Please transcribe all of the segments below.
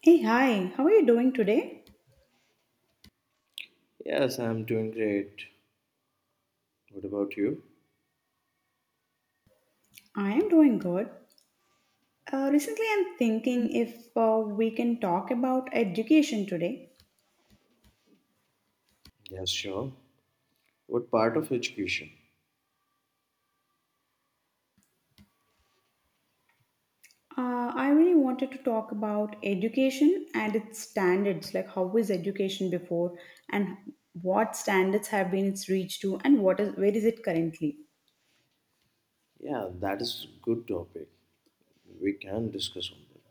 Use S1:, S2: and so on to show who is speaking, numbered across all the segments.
S1: Hey, hi, how are you doing today?
S2: Yes, I'm doing great. What about you?
S1: I am doing good. Recently, I'm thinking if we can talk about education today.
S2: Yes, sure. What part of education?
S1: I really wanted to talk about education and its standards, like how was education before and what standards have been its reached to and what is where is it currently?
S2: Yeah, that is good topic. We can discuss on that.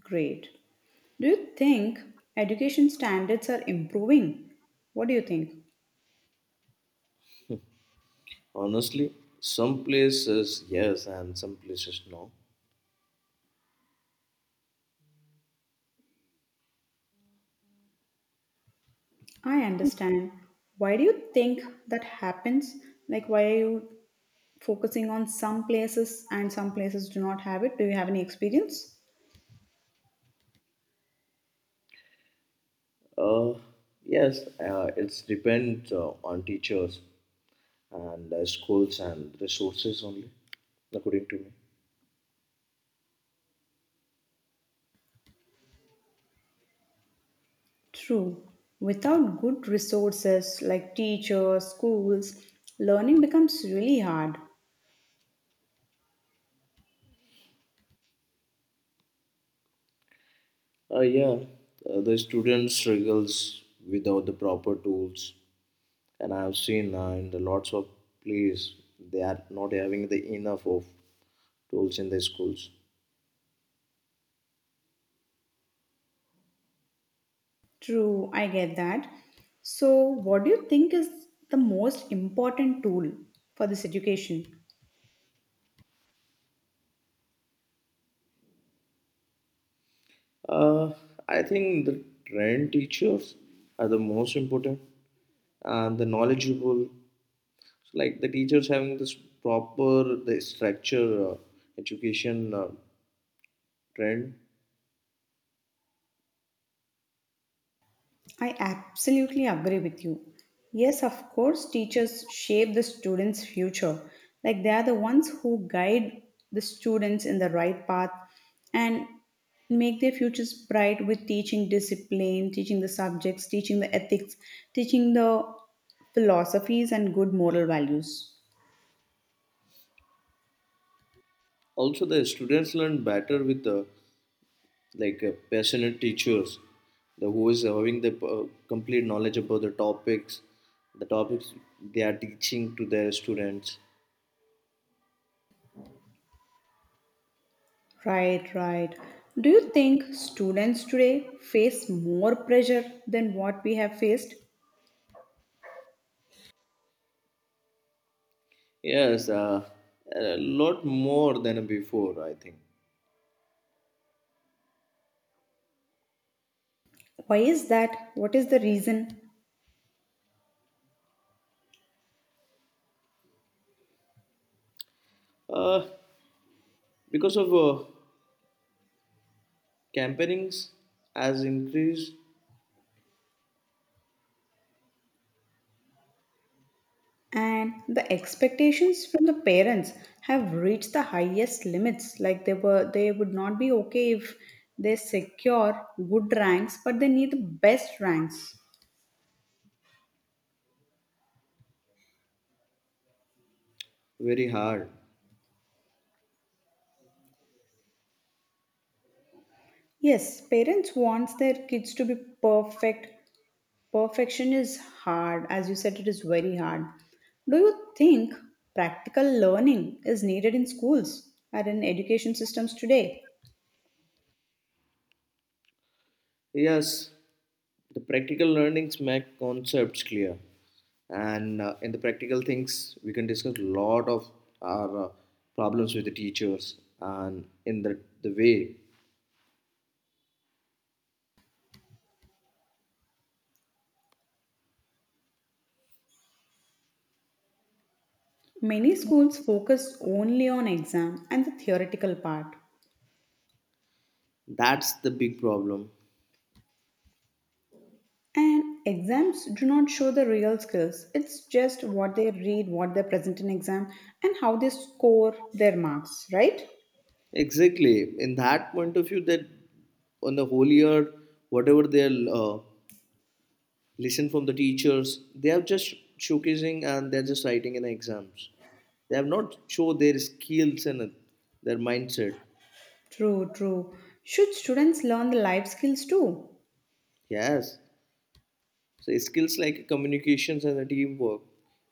S1: Great. Do you think education standards are improving? What do you think?
S2: Honestly, some places yes, and some places no.
S1: I understand. Why do you think that happens? Like, why are you focusing on some places and some places do not have it. Do you have any experience?
S2: Uh, yes, it's depends on teachers and schools and resources only, according to me.
S1: True. Without good resources like teachers, schools, learning becomes really hard.
S2: Yeah, the student struggles without the proper tools, and I have seen in the lots of place they are not having the enough of tools in the schools.
S1: True, I get that. So, what do you think is the most important tool for this education?
S2: Uh, I think the trained teachers are the most important and the knowledgeable. So like the teachers having this proper the structure education trend.
S1: I absolutely agree with you. Yes, of course, teachers shape the students' future. Like they are the ones who guide the students in the right path and make their futures bright with teaching discipline, teaching the subjects, teaching the ethics, teaching the philosophies and good moral values.
S2: Also, the students learn better with the like passionate teachers the who is having the complete knowledge about the topics they are teaching to their students.
S1: Right, right. Do you think students today face more pressure than what we have faced?
S2: Yes, a lot more than before, I think
S1: Why is that? What is the reason?
S2: uh, because of campaignings has increased.
S1: And the expectations from the parents have reached the highest limits. Like they would not be okay if they secure good ranks, but they need the best ranks.
S2: Very hard.
S1: Yes, parents wants their kids to be perfect. Perfection is hard. As you said, it is very hard. Do you think practical learning is needed in schools and in education systems today?
S2: Yes, the practical learnings make concepts clear, and in the practical things, we can discuss a lot of our problems with the teachers, and in the way.
S1: Many schools focus only on exam and the theoretical part.
S2: That's the big problem.
S1: And exams do not show the real skills. It's just what they read, what they present in exam, and how they score their marks, right?
S2: Exactly, in that point of view, that on the whole year, whatever they listen from the teachers, they are just showcasing and they're just writing in exams. They have not show their skills and their mindset.
S1: True, true. Should students learn the life skills too?
S2: Yes, so skills like communications and the teamwork,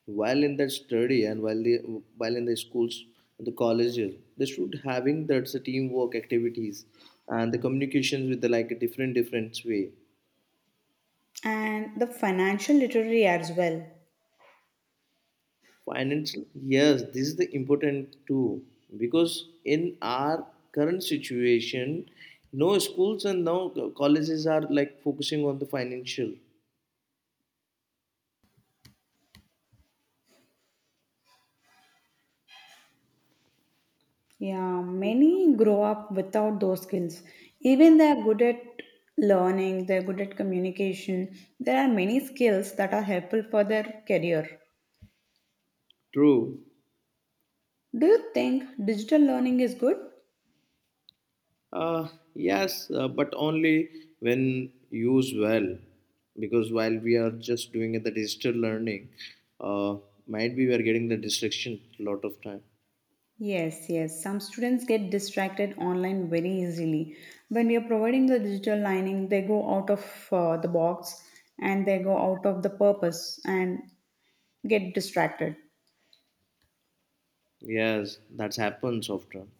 S2: while in the study and while the while in the schools and the colleges, they should having that's the teamwork activities and the communications with the like a different different way.
S1: And the financial literacy as well.
S2: Financial, yes, this is the important too because in our current situation, no schools and no colleges are like focusing on the financial.
S1: Yeah, many grow up without those skills. Even they are good at learning, they're good at communication. There are many skills that are helpful for their career.
S2: True.
S1: Do you think digital learning is good?
S2: Uh, yes, but only when used well, because while we are just doing it, the digital learning, uh, might be we are getting the distraction a lot of time.
S1: Yes, yes. Some students get distracted online very easily. When we are providing the digital learning, they go out of the box and they go out of the purpose and get distracted.
S2: Yes, that happens often.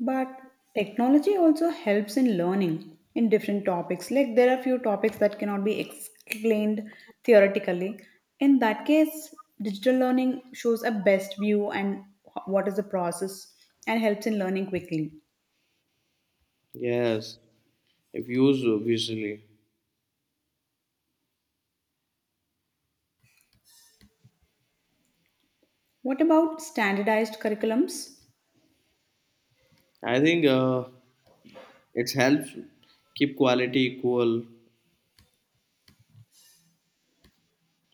S1: But technology also helps in learning in different topics. Like there are few topics that cannot be explained theoretically. In that case, digital learning shows a best view and what is the process and helps in learning quickly.
S2: Yes, if used obviously.
S1: What about standardized curriculums?
S2: I think it helps keep quality equal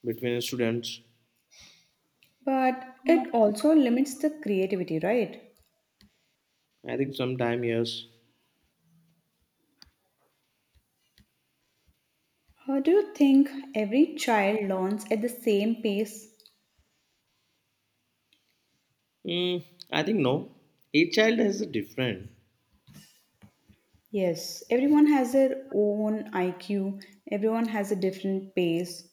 S2: between students.
S1: But it also limits the creativity, right?
S2: I think sometime yes.
S1: How do you think every child learns at the same pace?
S2: Mm, I think no. Each child has a different.
S1: Yes, everyone has their own IQ, everyone has a different pace.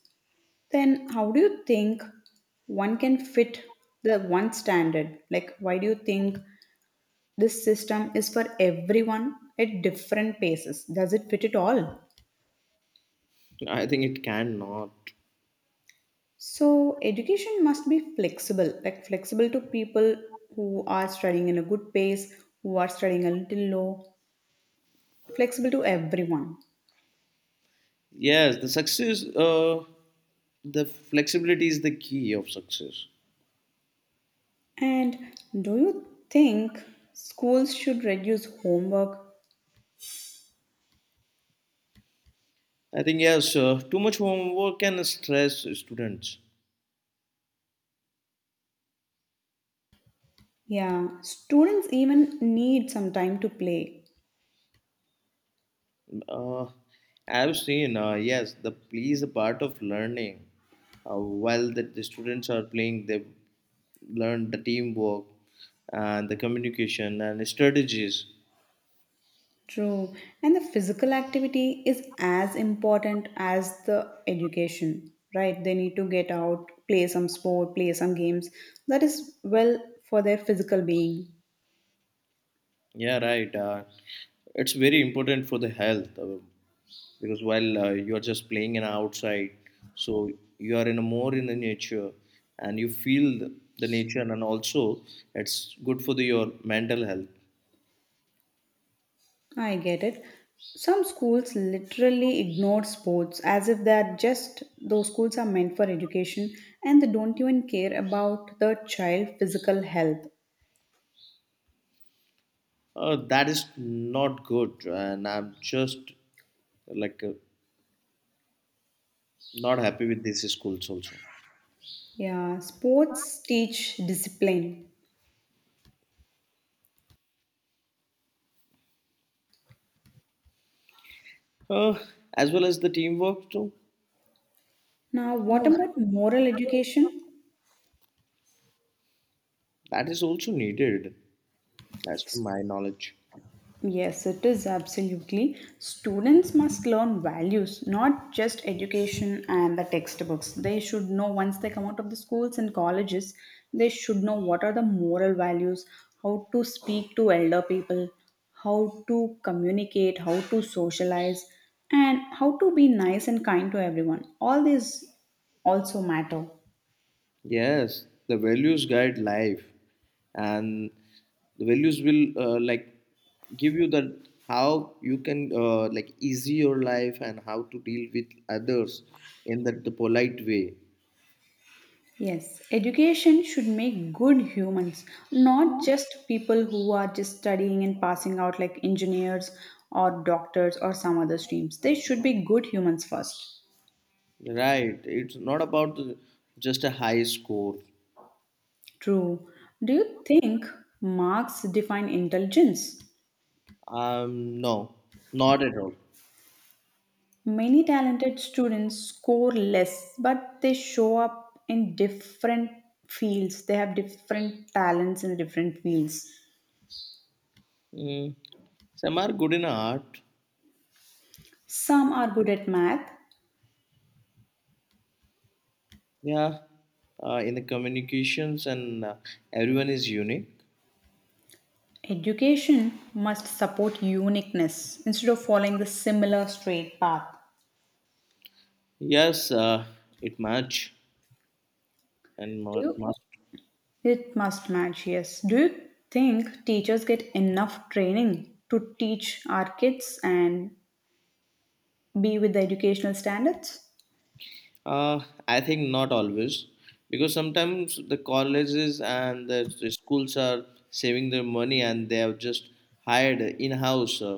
S1: Then, how do you think one can fit the one standard? Like, why do you think this system is for everyone at different paces? Does it fit it all?
S2: I think it cannot.
S1: So education must be flexible, like flexible to people who are studying in a good pace, who are studying a little low, flexible to everyone.
S2: Yes, the success, the flexibility is the key of success.
S1: And do you think schools should reduce homework?
S2: I think, yes, too much homework can stress students.
S1: Yeah, students even need some time to play.
S2: Uh, I've seen, yes, the play is a part of learning. While the students are playing, they learn the teamwork and the communication and strategies.
S1: True. And the physical activity is as important as the education, right? They need to get out, play some sport, play some games. That is well for their physical being.
S2: Yeah, right. It's very important for the health because while you are just playing in outside, so you are in a more in the nature and you feel the nature, and also it's good for your mental health.
S1: I get it. Some schools literally ignore sports as if they're just those schools are meant for education and they don't even care about the child physical health.
S2: That is not good, and I'm just like not happy with these schools also.
S1: Yeah, sports teach discipline.
S2: Uh, as well as the teamwork too.
S1: Now, what about moral education?
S2: That is also needed, as per my knowledge.
S1: Yes, it is absolutely. Students must learn values, not just education and the textbooks. They should know once they come out of the schools and colleges, they should know what are the moral values, how to speak to elder people, how to communicate, how to socialize, and how to be nice and kind to everyone. All these also matter.
S2: Yes, the values guide life, and the values will like give you that how you can like easy your life and how to deal with others in that the polite way.
S1: Yes, education should make good humans, not just people who are just studying and passing out like engineers or doctors or some other streams. They should be good humans first.
S2: Right? It's not about just a high score.
S1: True. Do you think marks define intelligence?
S2: No, not at all.
S1: Many talented students score less, but they show up in different fields. They have different talents in different fields.
S2: Mm. Some are good in art.
S1: Some are good at math.
S2: Yeah, in the communications and everyone is unique.
S1: Education must support uniqueness instead of following the similar straight path.
S2: Yes, it much and
S1: Do
S2: more
S1: you?
S2: must.
S1: It must match, yes. Do you think teachers get enough training to teach our kids and be with the educational standards?
S2: uh, I think not always because sometimes the colleges and the schools are saving their money and they have just hired in-house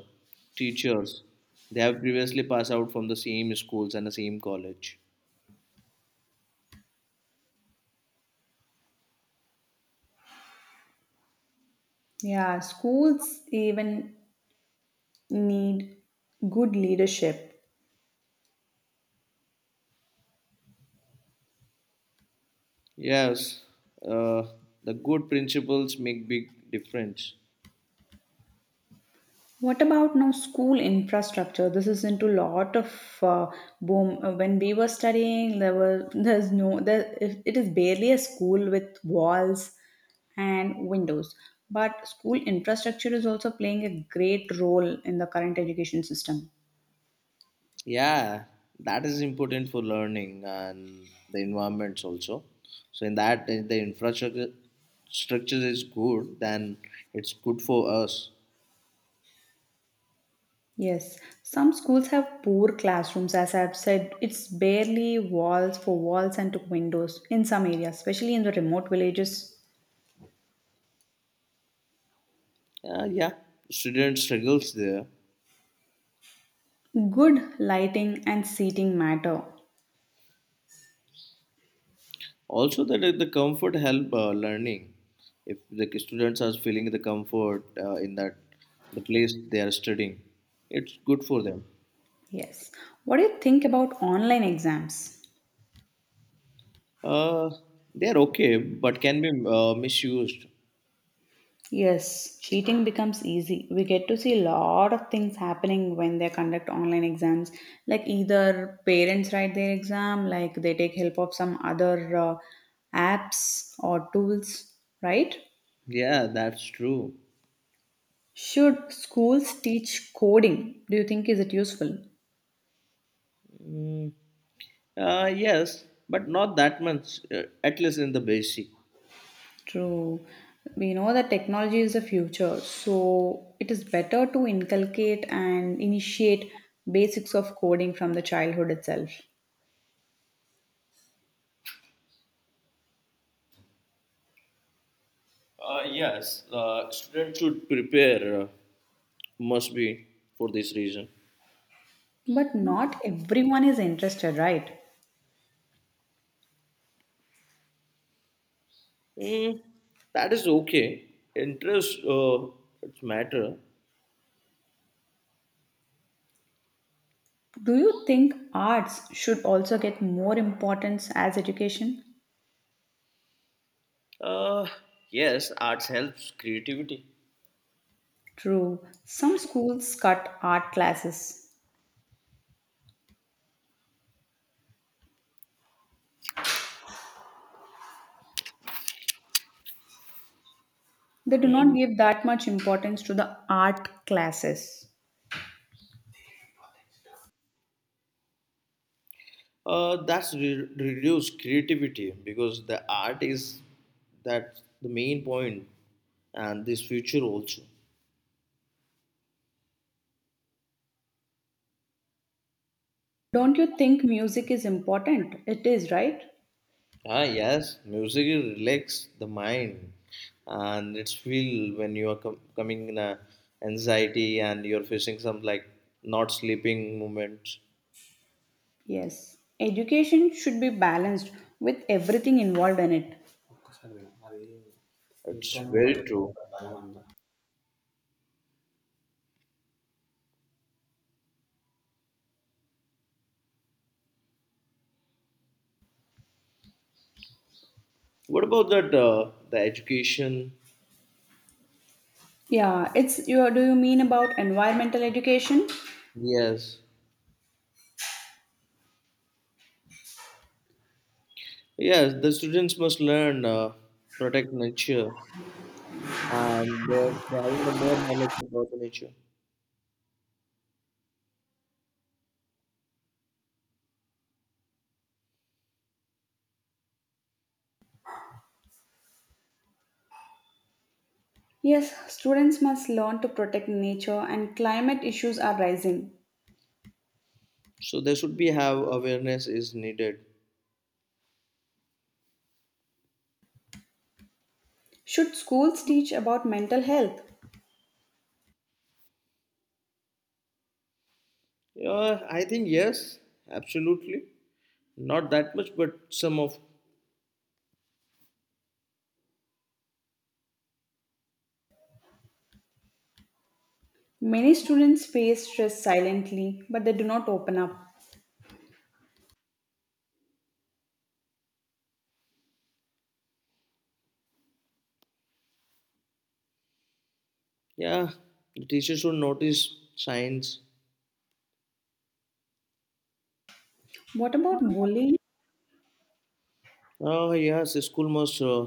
S2: teachers. They have previously passed out from the same schools and the same college.
S1: Yeah, schools even need good leadership.
S2: Yes, uh, the good principles make big difference.
S1: What about now school infrastructure? This is into lot of boom. When we were studying, there were there's no there. It is barely a school with walls and windows. But school infrastructure is also playing a great role in the current education system.
S2: Yeah, that is important for learning and the environments also. So in that, if the infrastructure structure is good, then it's good for us.
S1: Yes, some schools have poor classrooms. As I've said, it's barely walls for walls and to windows in some areas, especially in the remote villages.
S2: Yeah, student struggles there.
S1: Good lighting and seating matter.
S2: Also, the comfort help learning. If the students are feeling the comfort in that the place they are studying, it's good for them.
S1: Yes. What do you think about online exams?
S2: Uh, they are okay, but can be misused.
S1: Yes, cheating becomes easy. We get to see a lot of things happening when they conduct online exams. Like either parents write their exam, like they take help of some other apps or tools, right?
S2: Yeah, that's true.
S1: Should schools teach coding? Do you think is it useful?
S2: Yes, but not that much, at least in the basic.
S1: True. We know that technology is the future, so it is better to inculcate and initiate basics of coding from the childhood itself.
S2: Yes, students should prepare, must be for this reason.
S1: But not everyone is interested, right?
S2: Mm, that is okay. Interest, it's matter.
S1: Do you think arts should also get more importance as education?
S2: Uh, yes, arts helps creativity.
S1: True. Some schools cut art classes. They do not
S2: Mm.
S1: give that much importance to the art classes.
S2: That's reduce creativity because the art is that the main point, and this future also.
S1: Don't you think music is important? It is, right?
S2: Ah, yes, music relax the mind, and it's feel when you are coming in a anxiety and you're facing some like not sleeping moments.
S1: Yes, education should be balanced with everything involved in it.
S2: It's very true. What about that? The education?
S1: Yeah, it's you do you mean about environmental education?
S2: Yes, yes. The students must learn protect nature, and they're having the more knowledge about the nature.
S1: Yes, students must learn to protect nature and climate issues are rising.
S2: So there should be have awareness is needed.
S1: Should schools teach about mental health?
S2: Yeah, I think yes, absolutely. Not that much, but some of.
S1: Many students face stress silently, but they do not open up.
S2: Yeah, the teacher should notice signs.
S1: What about bullying?
S2: Oh, yes, the school must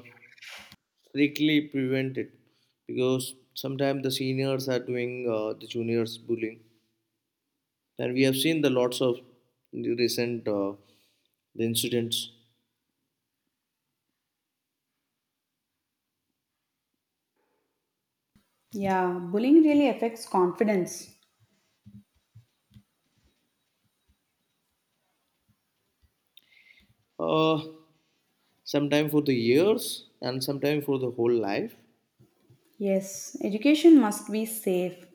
S2: strictly prevent it because sometimes the seniors are doing the juniors bullying. And we have seen the lots of the recent the incidents.
S1: Yeah, bullying really affects confidence.
S2: Uh, sometime for the years and sometime for the whole life.
S1: Yes, education must be safe.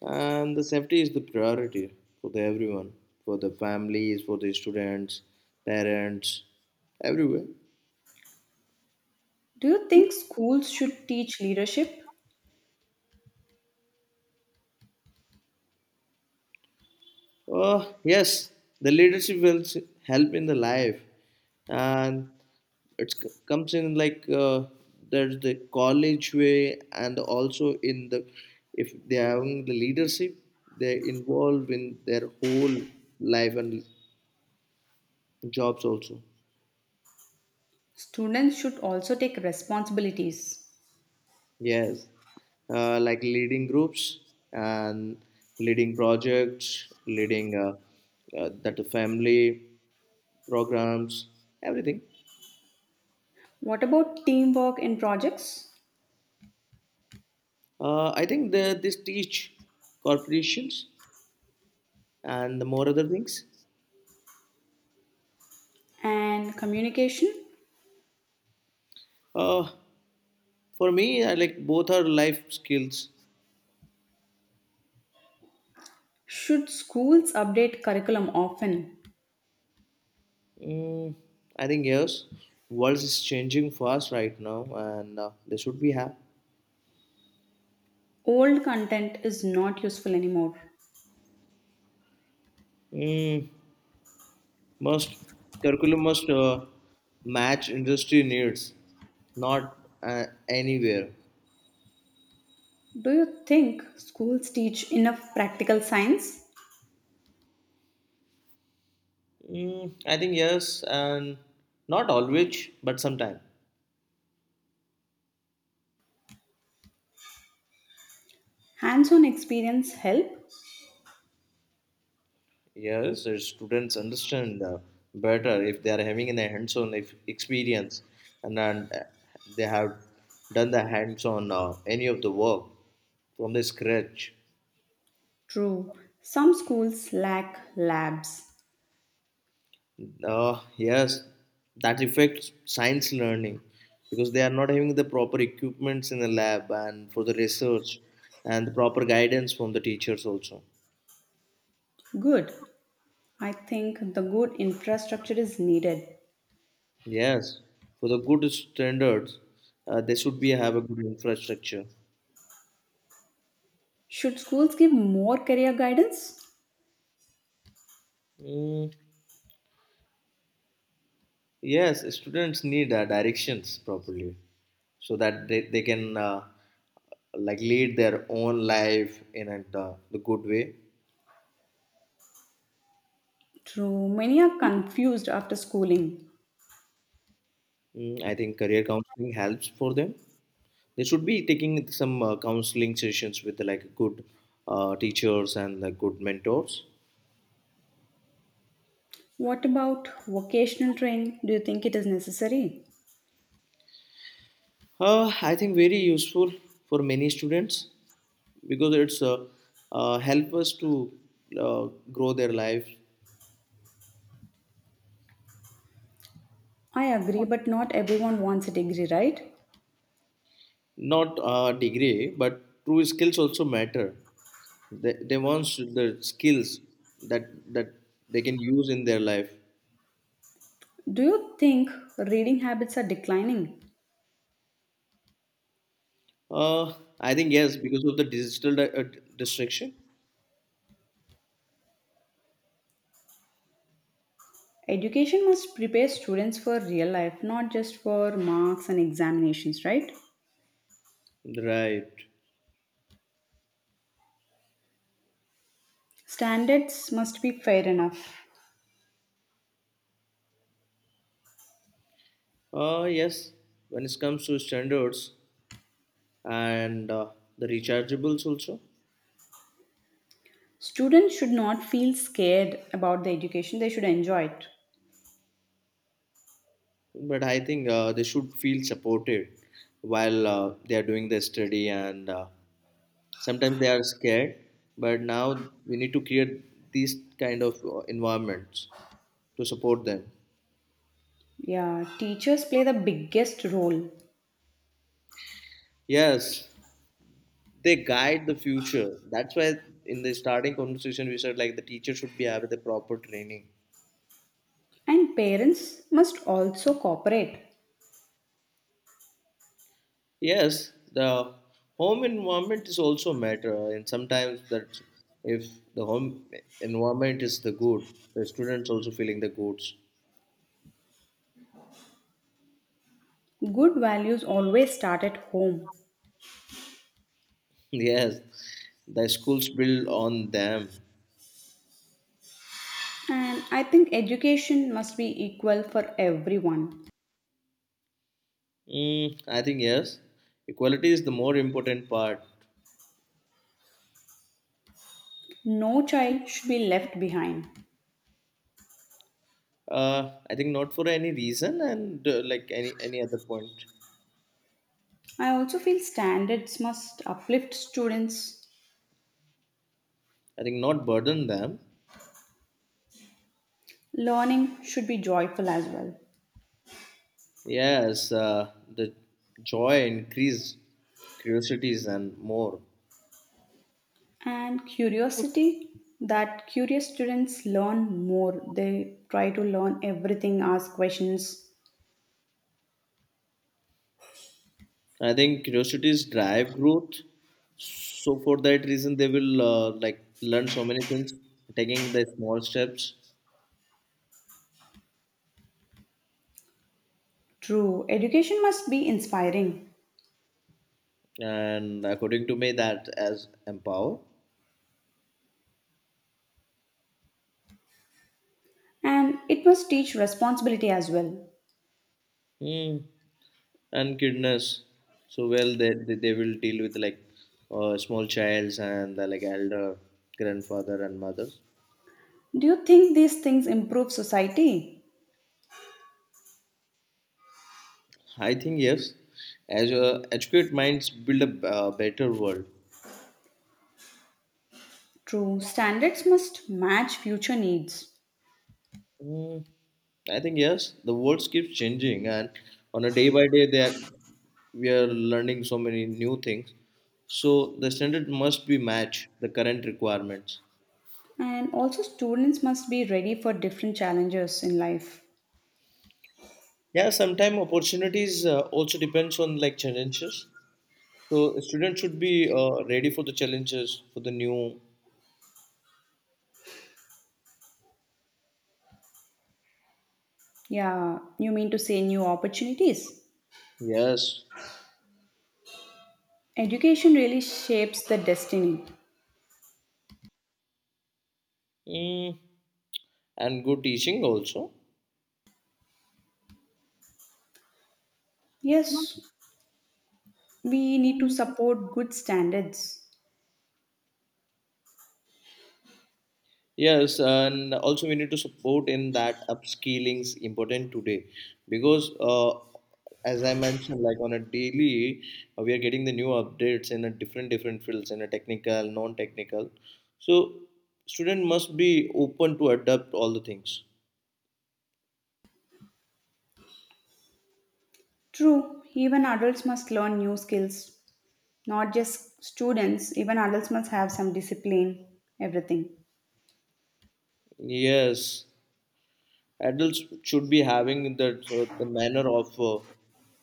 S2: And the safety is the priority for the everyone, for the families, for the students, parents, everywhere.
S1: Do you think schools should teach leadership?
S2: Oh yes, the leadership will help in the life, and it comes in like there's the college way, and also in the, if they are having the leadership, they involved in their whole life and jobs also.
S1: Students should also take responsibilities.
S2: Yes, like leading groups and leading projects, leading that the family programs, everything.
S1: What about teamwork in projects
S2: I think this teach corporations and the more other things.
S1: and communication?
S2: Uh, for me, I like both are life skills.
S1: Should schools update curriculum often?
S2: Mm, I think yes, world is changing fast right now, and they should be have.
S1: Old content is not useful anymore.
S2: Mm, must curriculum must match industry needs, not anywhere.
S1: Do you think schools teach enough practical science?
S2: Mm, I think yes, and not always, but sometimes.
S1: Hands on experience help?
S2: Yes, students understand better if they are having a hands-on experience, and then they have done the hands-on any of the work from the scratch.
S1: True. Some schools lack labs.
S2: Yes, that affects science learning because they are not having the proper equipments in the lab and for the research and the proper guidance from the teachers also.
S1: Good. I think the good infrastructure is needed.
S2: Yes, for the good standards, they should be have a good infrastructure.
S1: Should schools give more career guidance?
S2: Mm. Yes, students need directions properly so that they can like lead their own life in a, the good way.
S1: True, many are confused after schooling.
S2: Mm, I think career counseling helps for them. They should be taking some counseling sessions with like good teachers and like good mentors.
S1: What about vocational training? Do you think it is necessary?
S2: I think very useful for many students because it's help us to uh, grow their life.
S1: I agree, but not everyone wants a degree, right?
S2: Not a degree, but true skills also matter. They want the skills that they can use in their life.
S1: Do you think reading habits are declining?
S2: Uh, I think yes, because of the digital distraction.
S1: Education must prepare students for real life, not just for marks and examinations, right?
S2: Right.
S1: Standards must be fair enough.
S2: Yes, when it comes to standards and the rechargeables also.
S1: Students should not feel scared about the education, they should enjoy it.
S2: But I think they should feel supported while they are doing their study, and sometimes they are scared, but now we need to create these kind of environments to support them.
S1: Yeah, teachers play the biggest role.
S2: Yes, they guide the future. That's why in the starting conversation we said like the teacher should be having the proper training.
S1: And parents must also cooperate.
S2: Yes, the home environment is also matter, and sometimes that if the home environment is the good, the students also feeling the goods.
S1: Good values always start at home.
S2: Yes, the schools build on them.
S1: And I think education must be equal for everyone.
S2: Mm, I think yes. Equality is the more important part.
S1: No child should be left behind.
S2: I think not for any reason and like any other point.
S1: I also feel standards must uplift students.
S2: I think not burden them.
S1: Learning should be joyful as well.
S2: Yes, the joy increase curiosities and more.
S1: And curiosity that curious students learn more. They try to learn everything, ask questions.
S2: I think curiosities drive growth. So for that reason, they will like learn so many things, taking the small steps.
S1: True, education must be inspiring.
S2: And according to me, that as empower.
S1: And it must teach responsibility as well.
S2: Hmm. And goodness, so well they will deal with like small childs and the, like elder grandfather and mothers.
S1: Do you think these things improve society?
S2: I think yes, as educate minds build a better world.
S1: True, standards must match future needs.
S2: Hmm. I think yes, the world keeps changing, and on a day by day, that we are learning so many new things. So the standard must be match the current requirements.
S1: And also, students must be ready for different challenges in life.
S2: Yeah, sometimes opportunities also depends on like challenges. So students should be ready for the challenges for the new.
S1: Yeah, you mean to say new opportunities?
S2: Yes.
S1: Education really shapes the destiny.
S2: Mm, and good teaching also.
S1: Yes, we need to support good standards.
S2: Yes, and also we need to support in that upskilling is important today because as I mentioned, like on a daily, we are getting the new updates in a different different fields in a technical, non-technical. So student must be open to adapt all the things.
S1: True, even adults must learn new skills, not just students, even adults must have some discipline, everything.
S2: Yes. Adults should be having that the manner of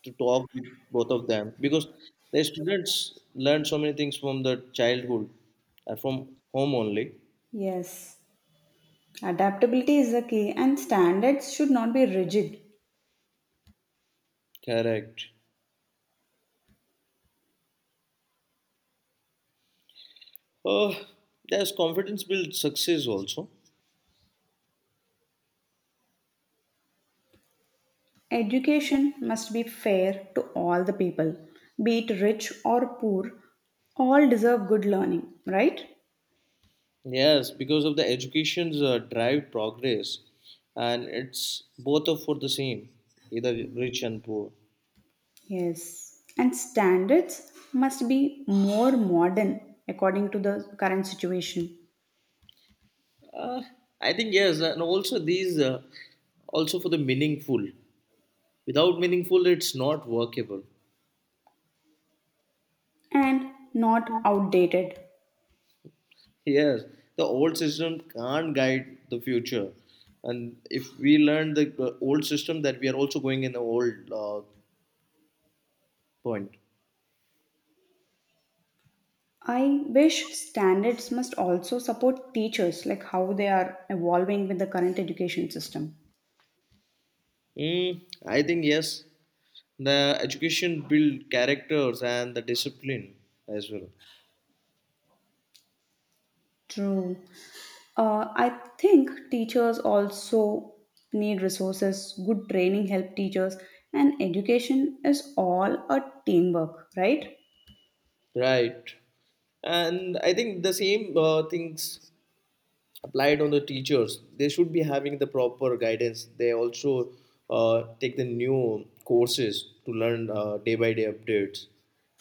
S2: to talk with both of them because the students learn so many things from the childhood and from home only.
S1: Yes, adaptability is the key, and standards should not be rigid.
S2: Correct. Uh, yes, confidence builds success also.
S1: Education must be fair to all the people, be it rich or poor, all deserve good learning, right?
S2: Yes, because of the education's drive progress, and it's both are for the same, either rich and poor.
S1: Yes, and standards must be more modern according to the current situation
S2: Uh, I think yes, and also these also for the meaningful. Without meaningful, it's not workable.
S1: and not outdated.
S2: Yes, the old system can't guide the future. And if we learn the old system, that we are also going in the old point.
S1: I wish standards must also support teachers, like how they are evolving with the current education system.
S2: Mm, I think yes, the education build characters and the discipline as well.
S1: True. I think teachers also need resources. Good training help teachers, and education is all a teamwork, right?
S2: Right. And I think the same things applied on the teachers. They should be having the proper guidance. They also take the new courses to learn day by day updates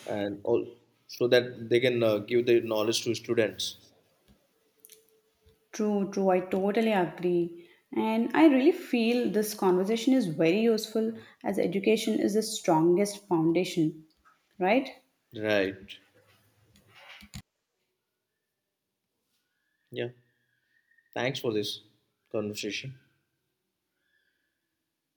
S2: and all, so that they can give the knowledge to students.
S1: True, true. I totally agree. And I really feel this conversation is very useful as education is the strongest foundation, right?
S2: Right, yeah, thanks for this conversation.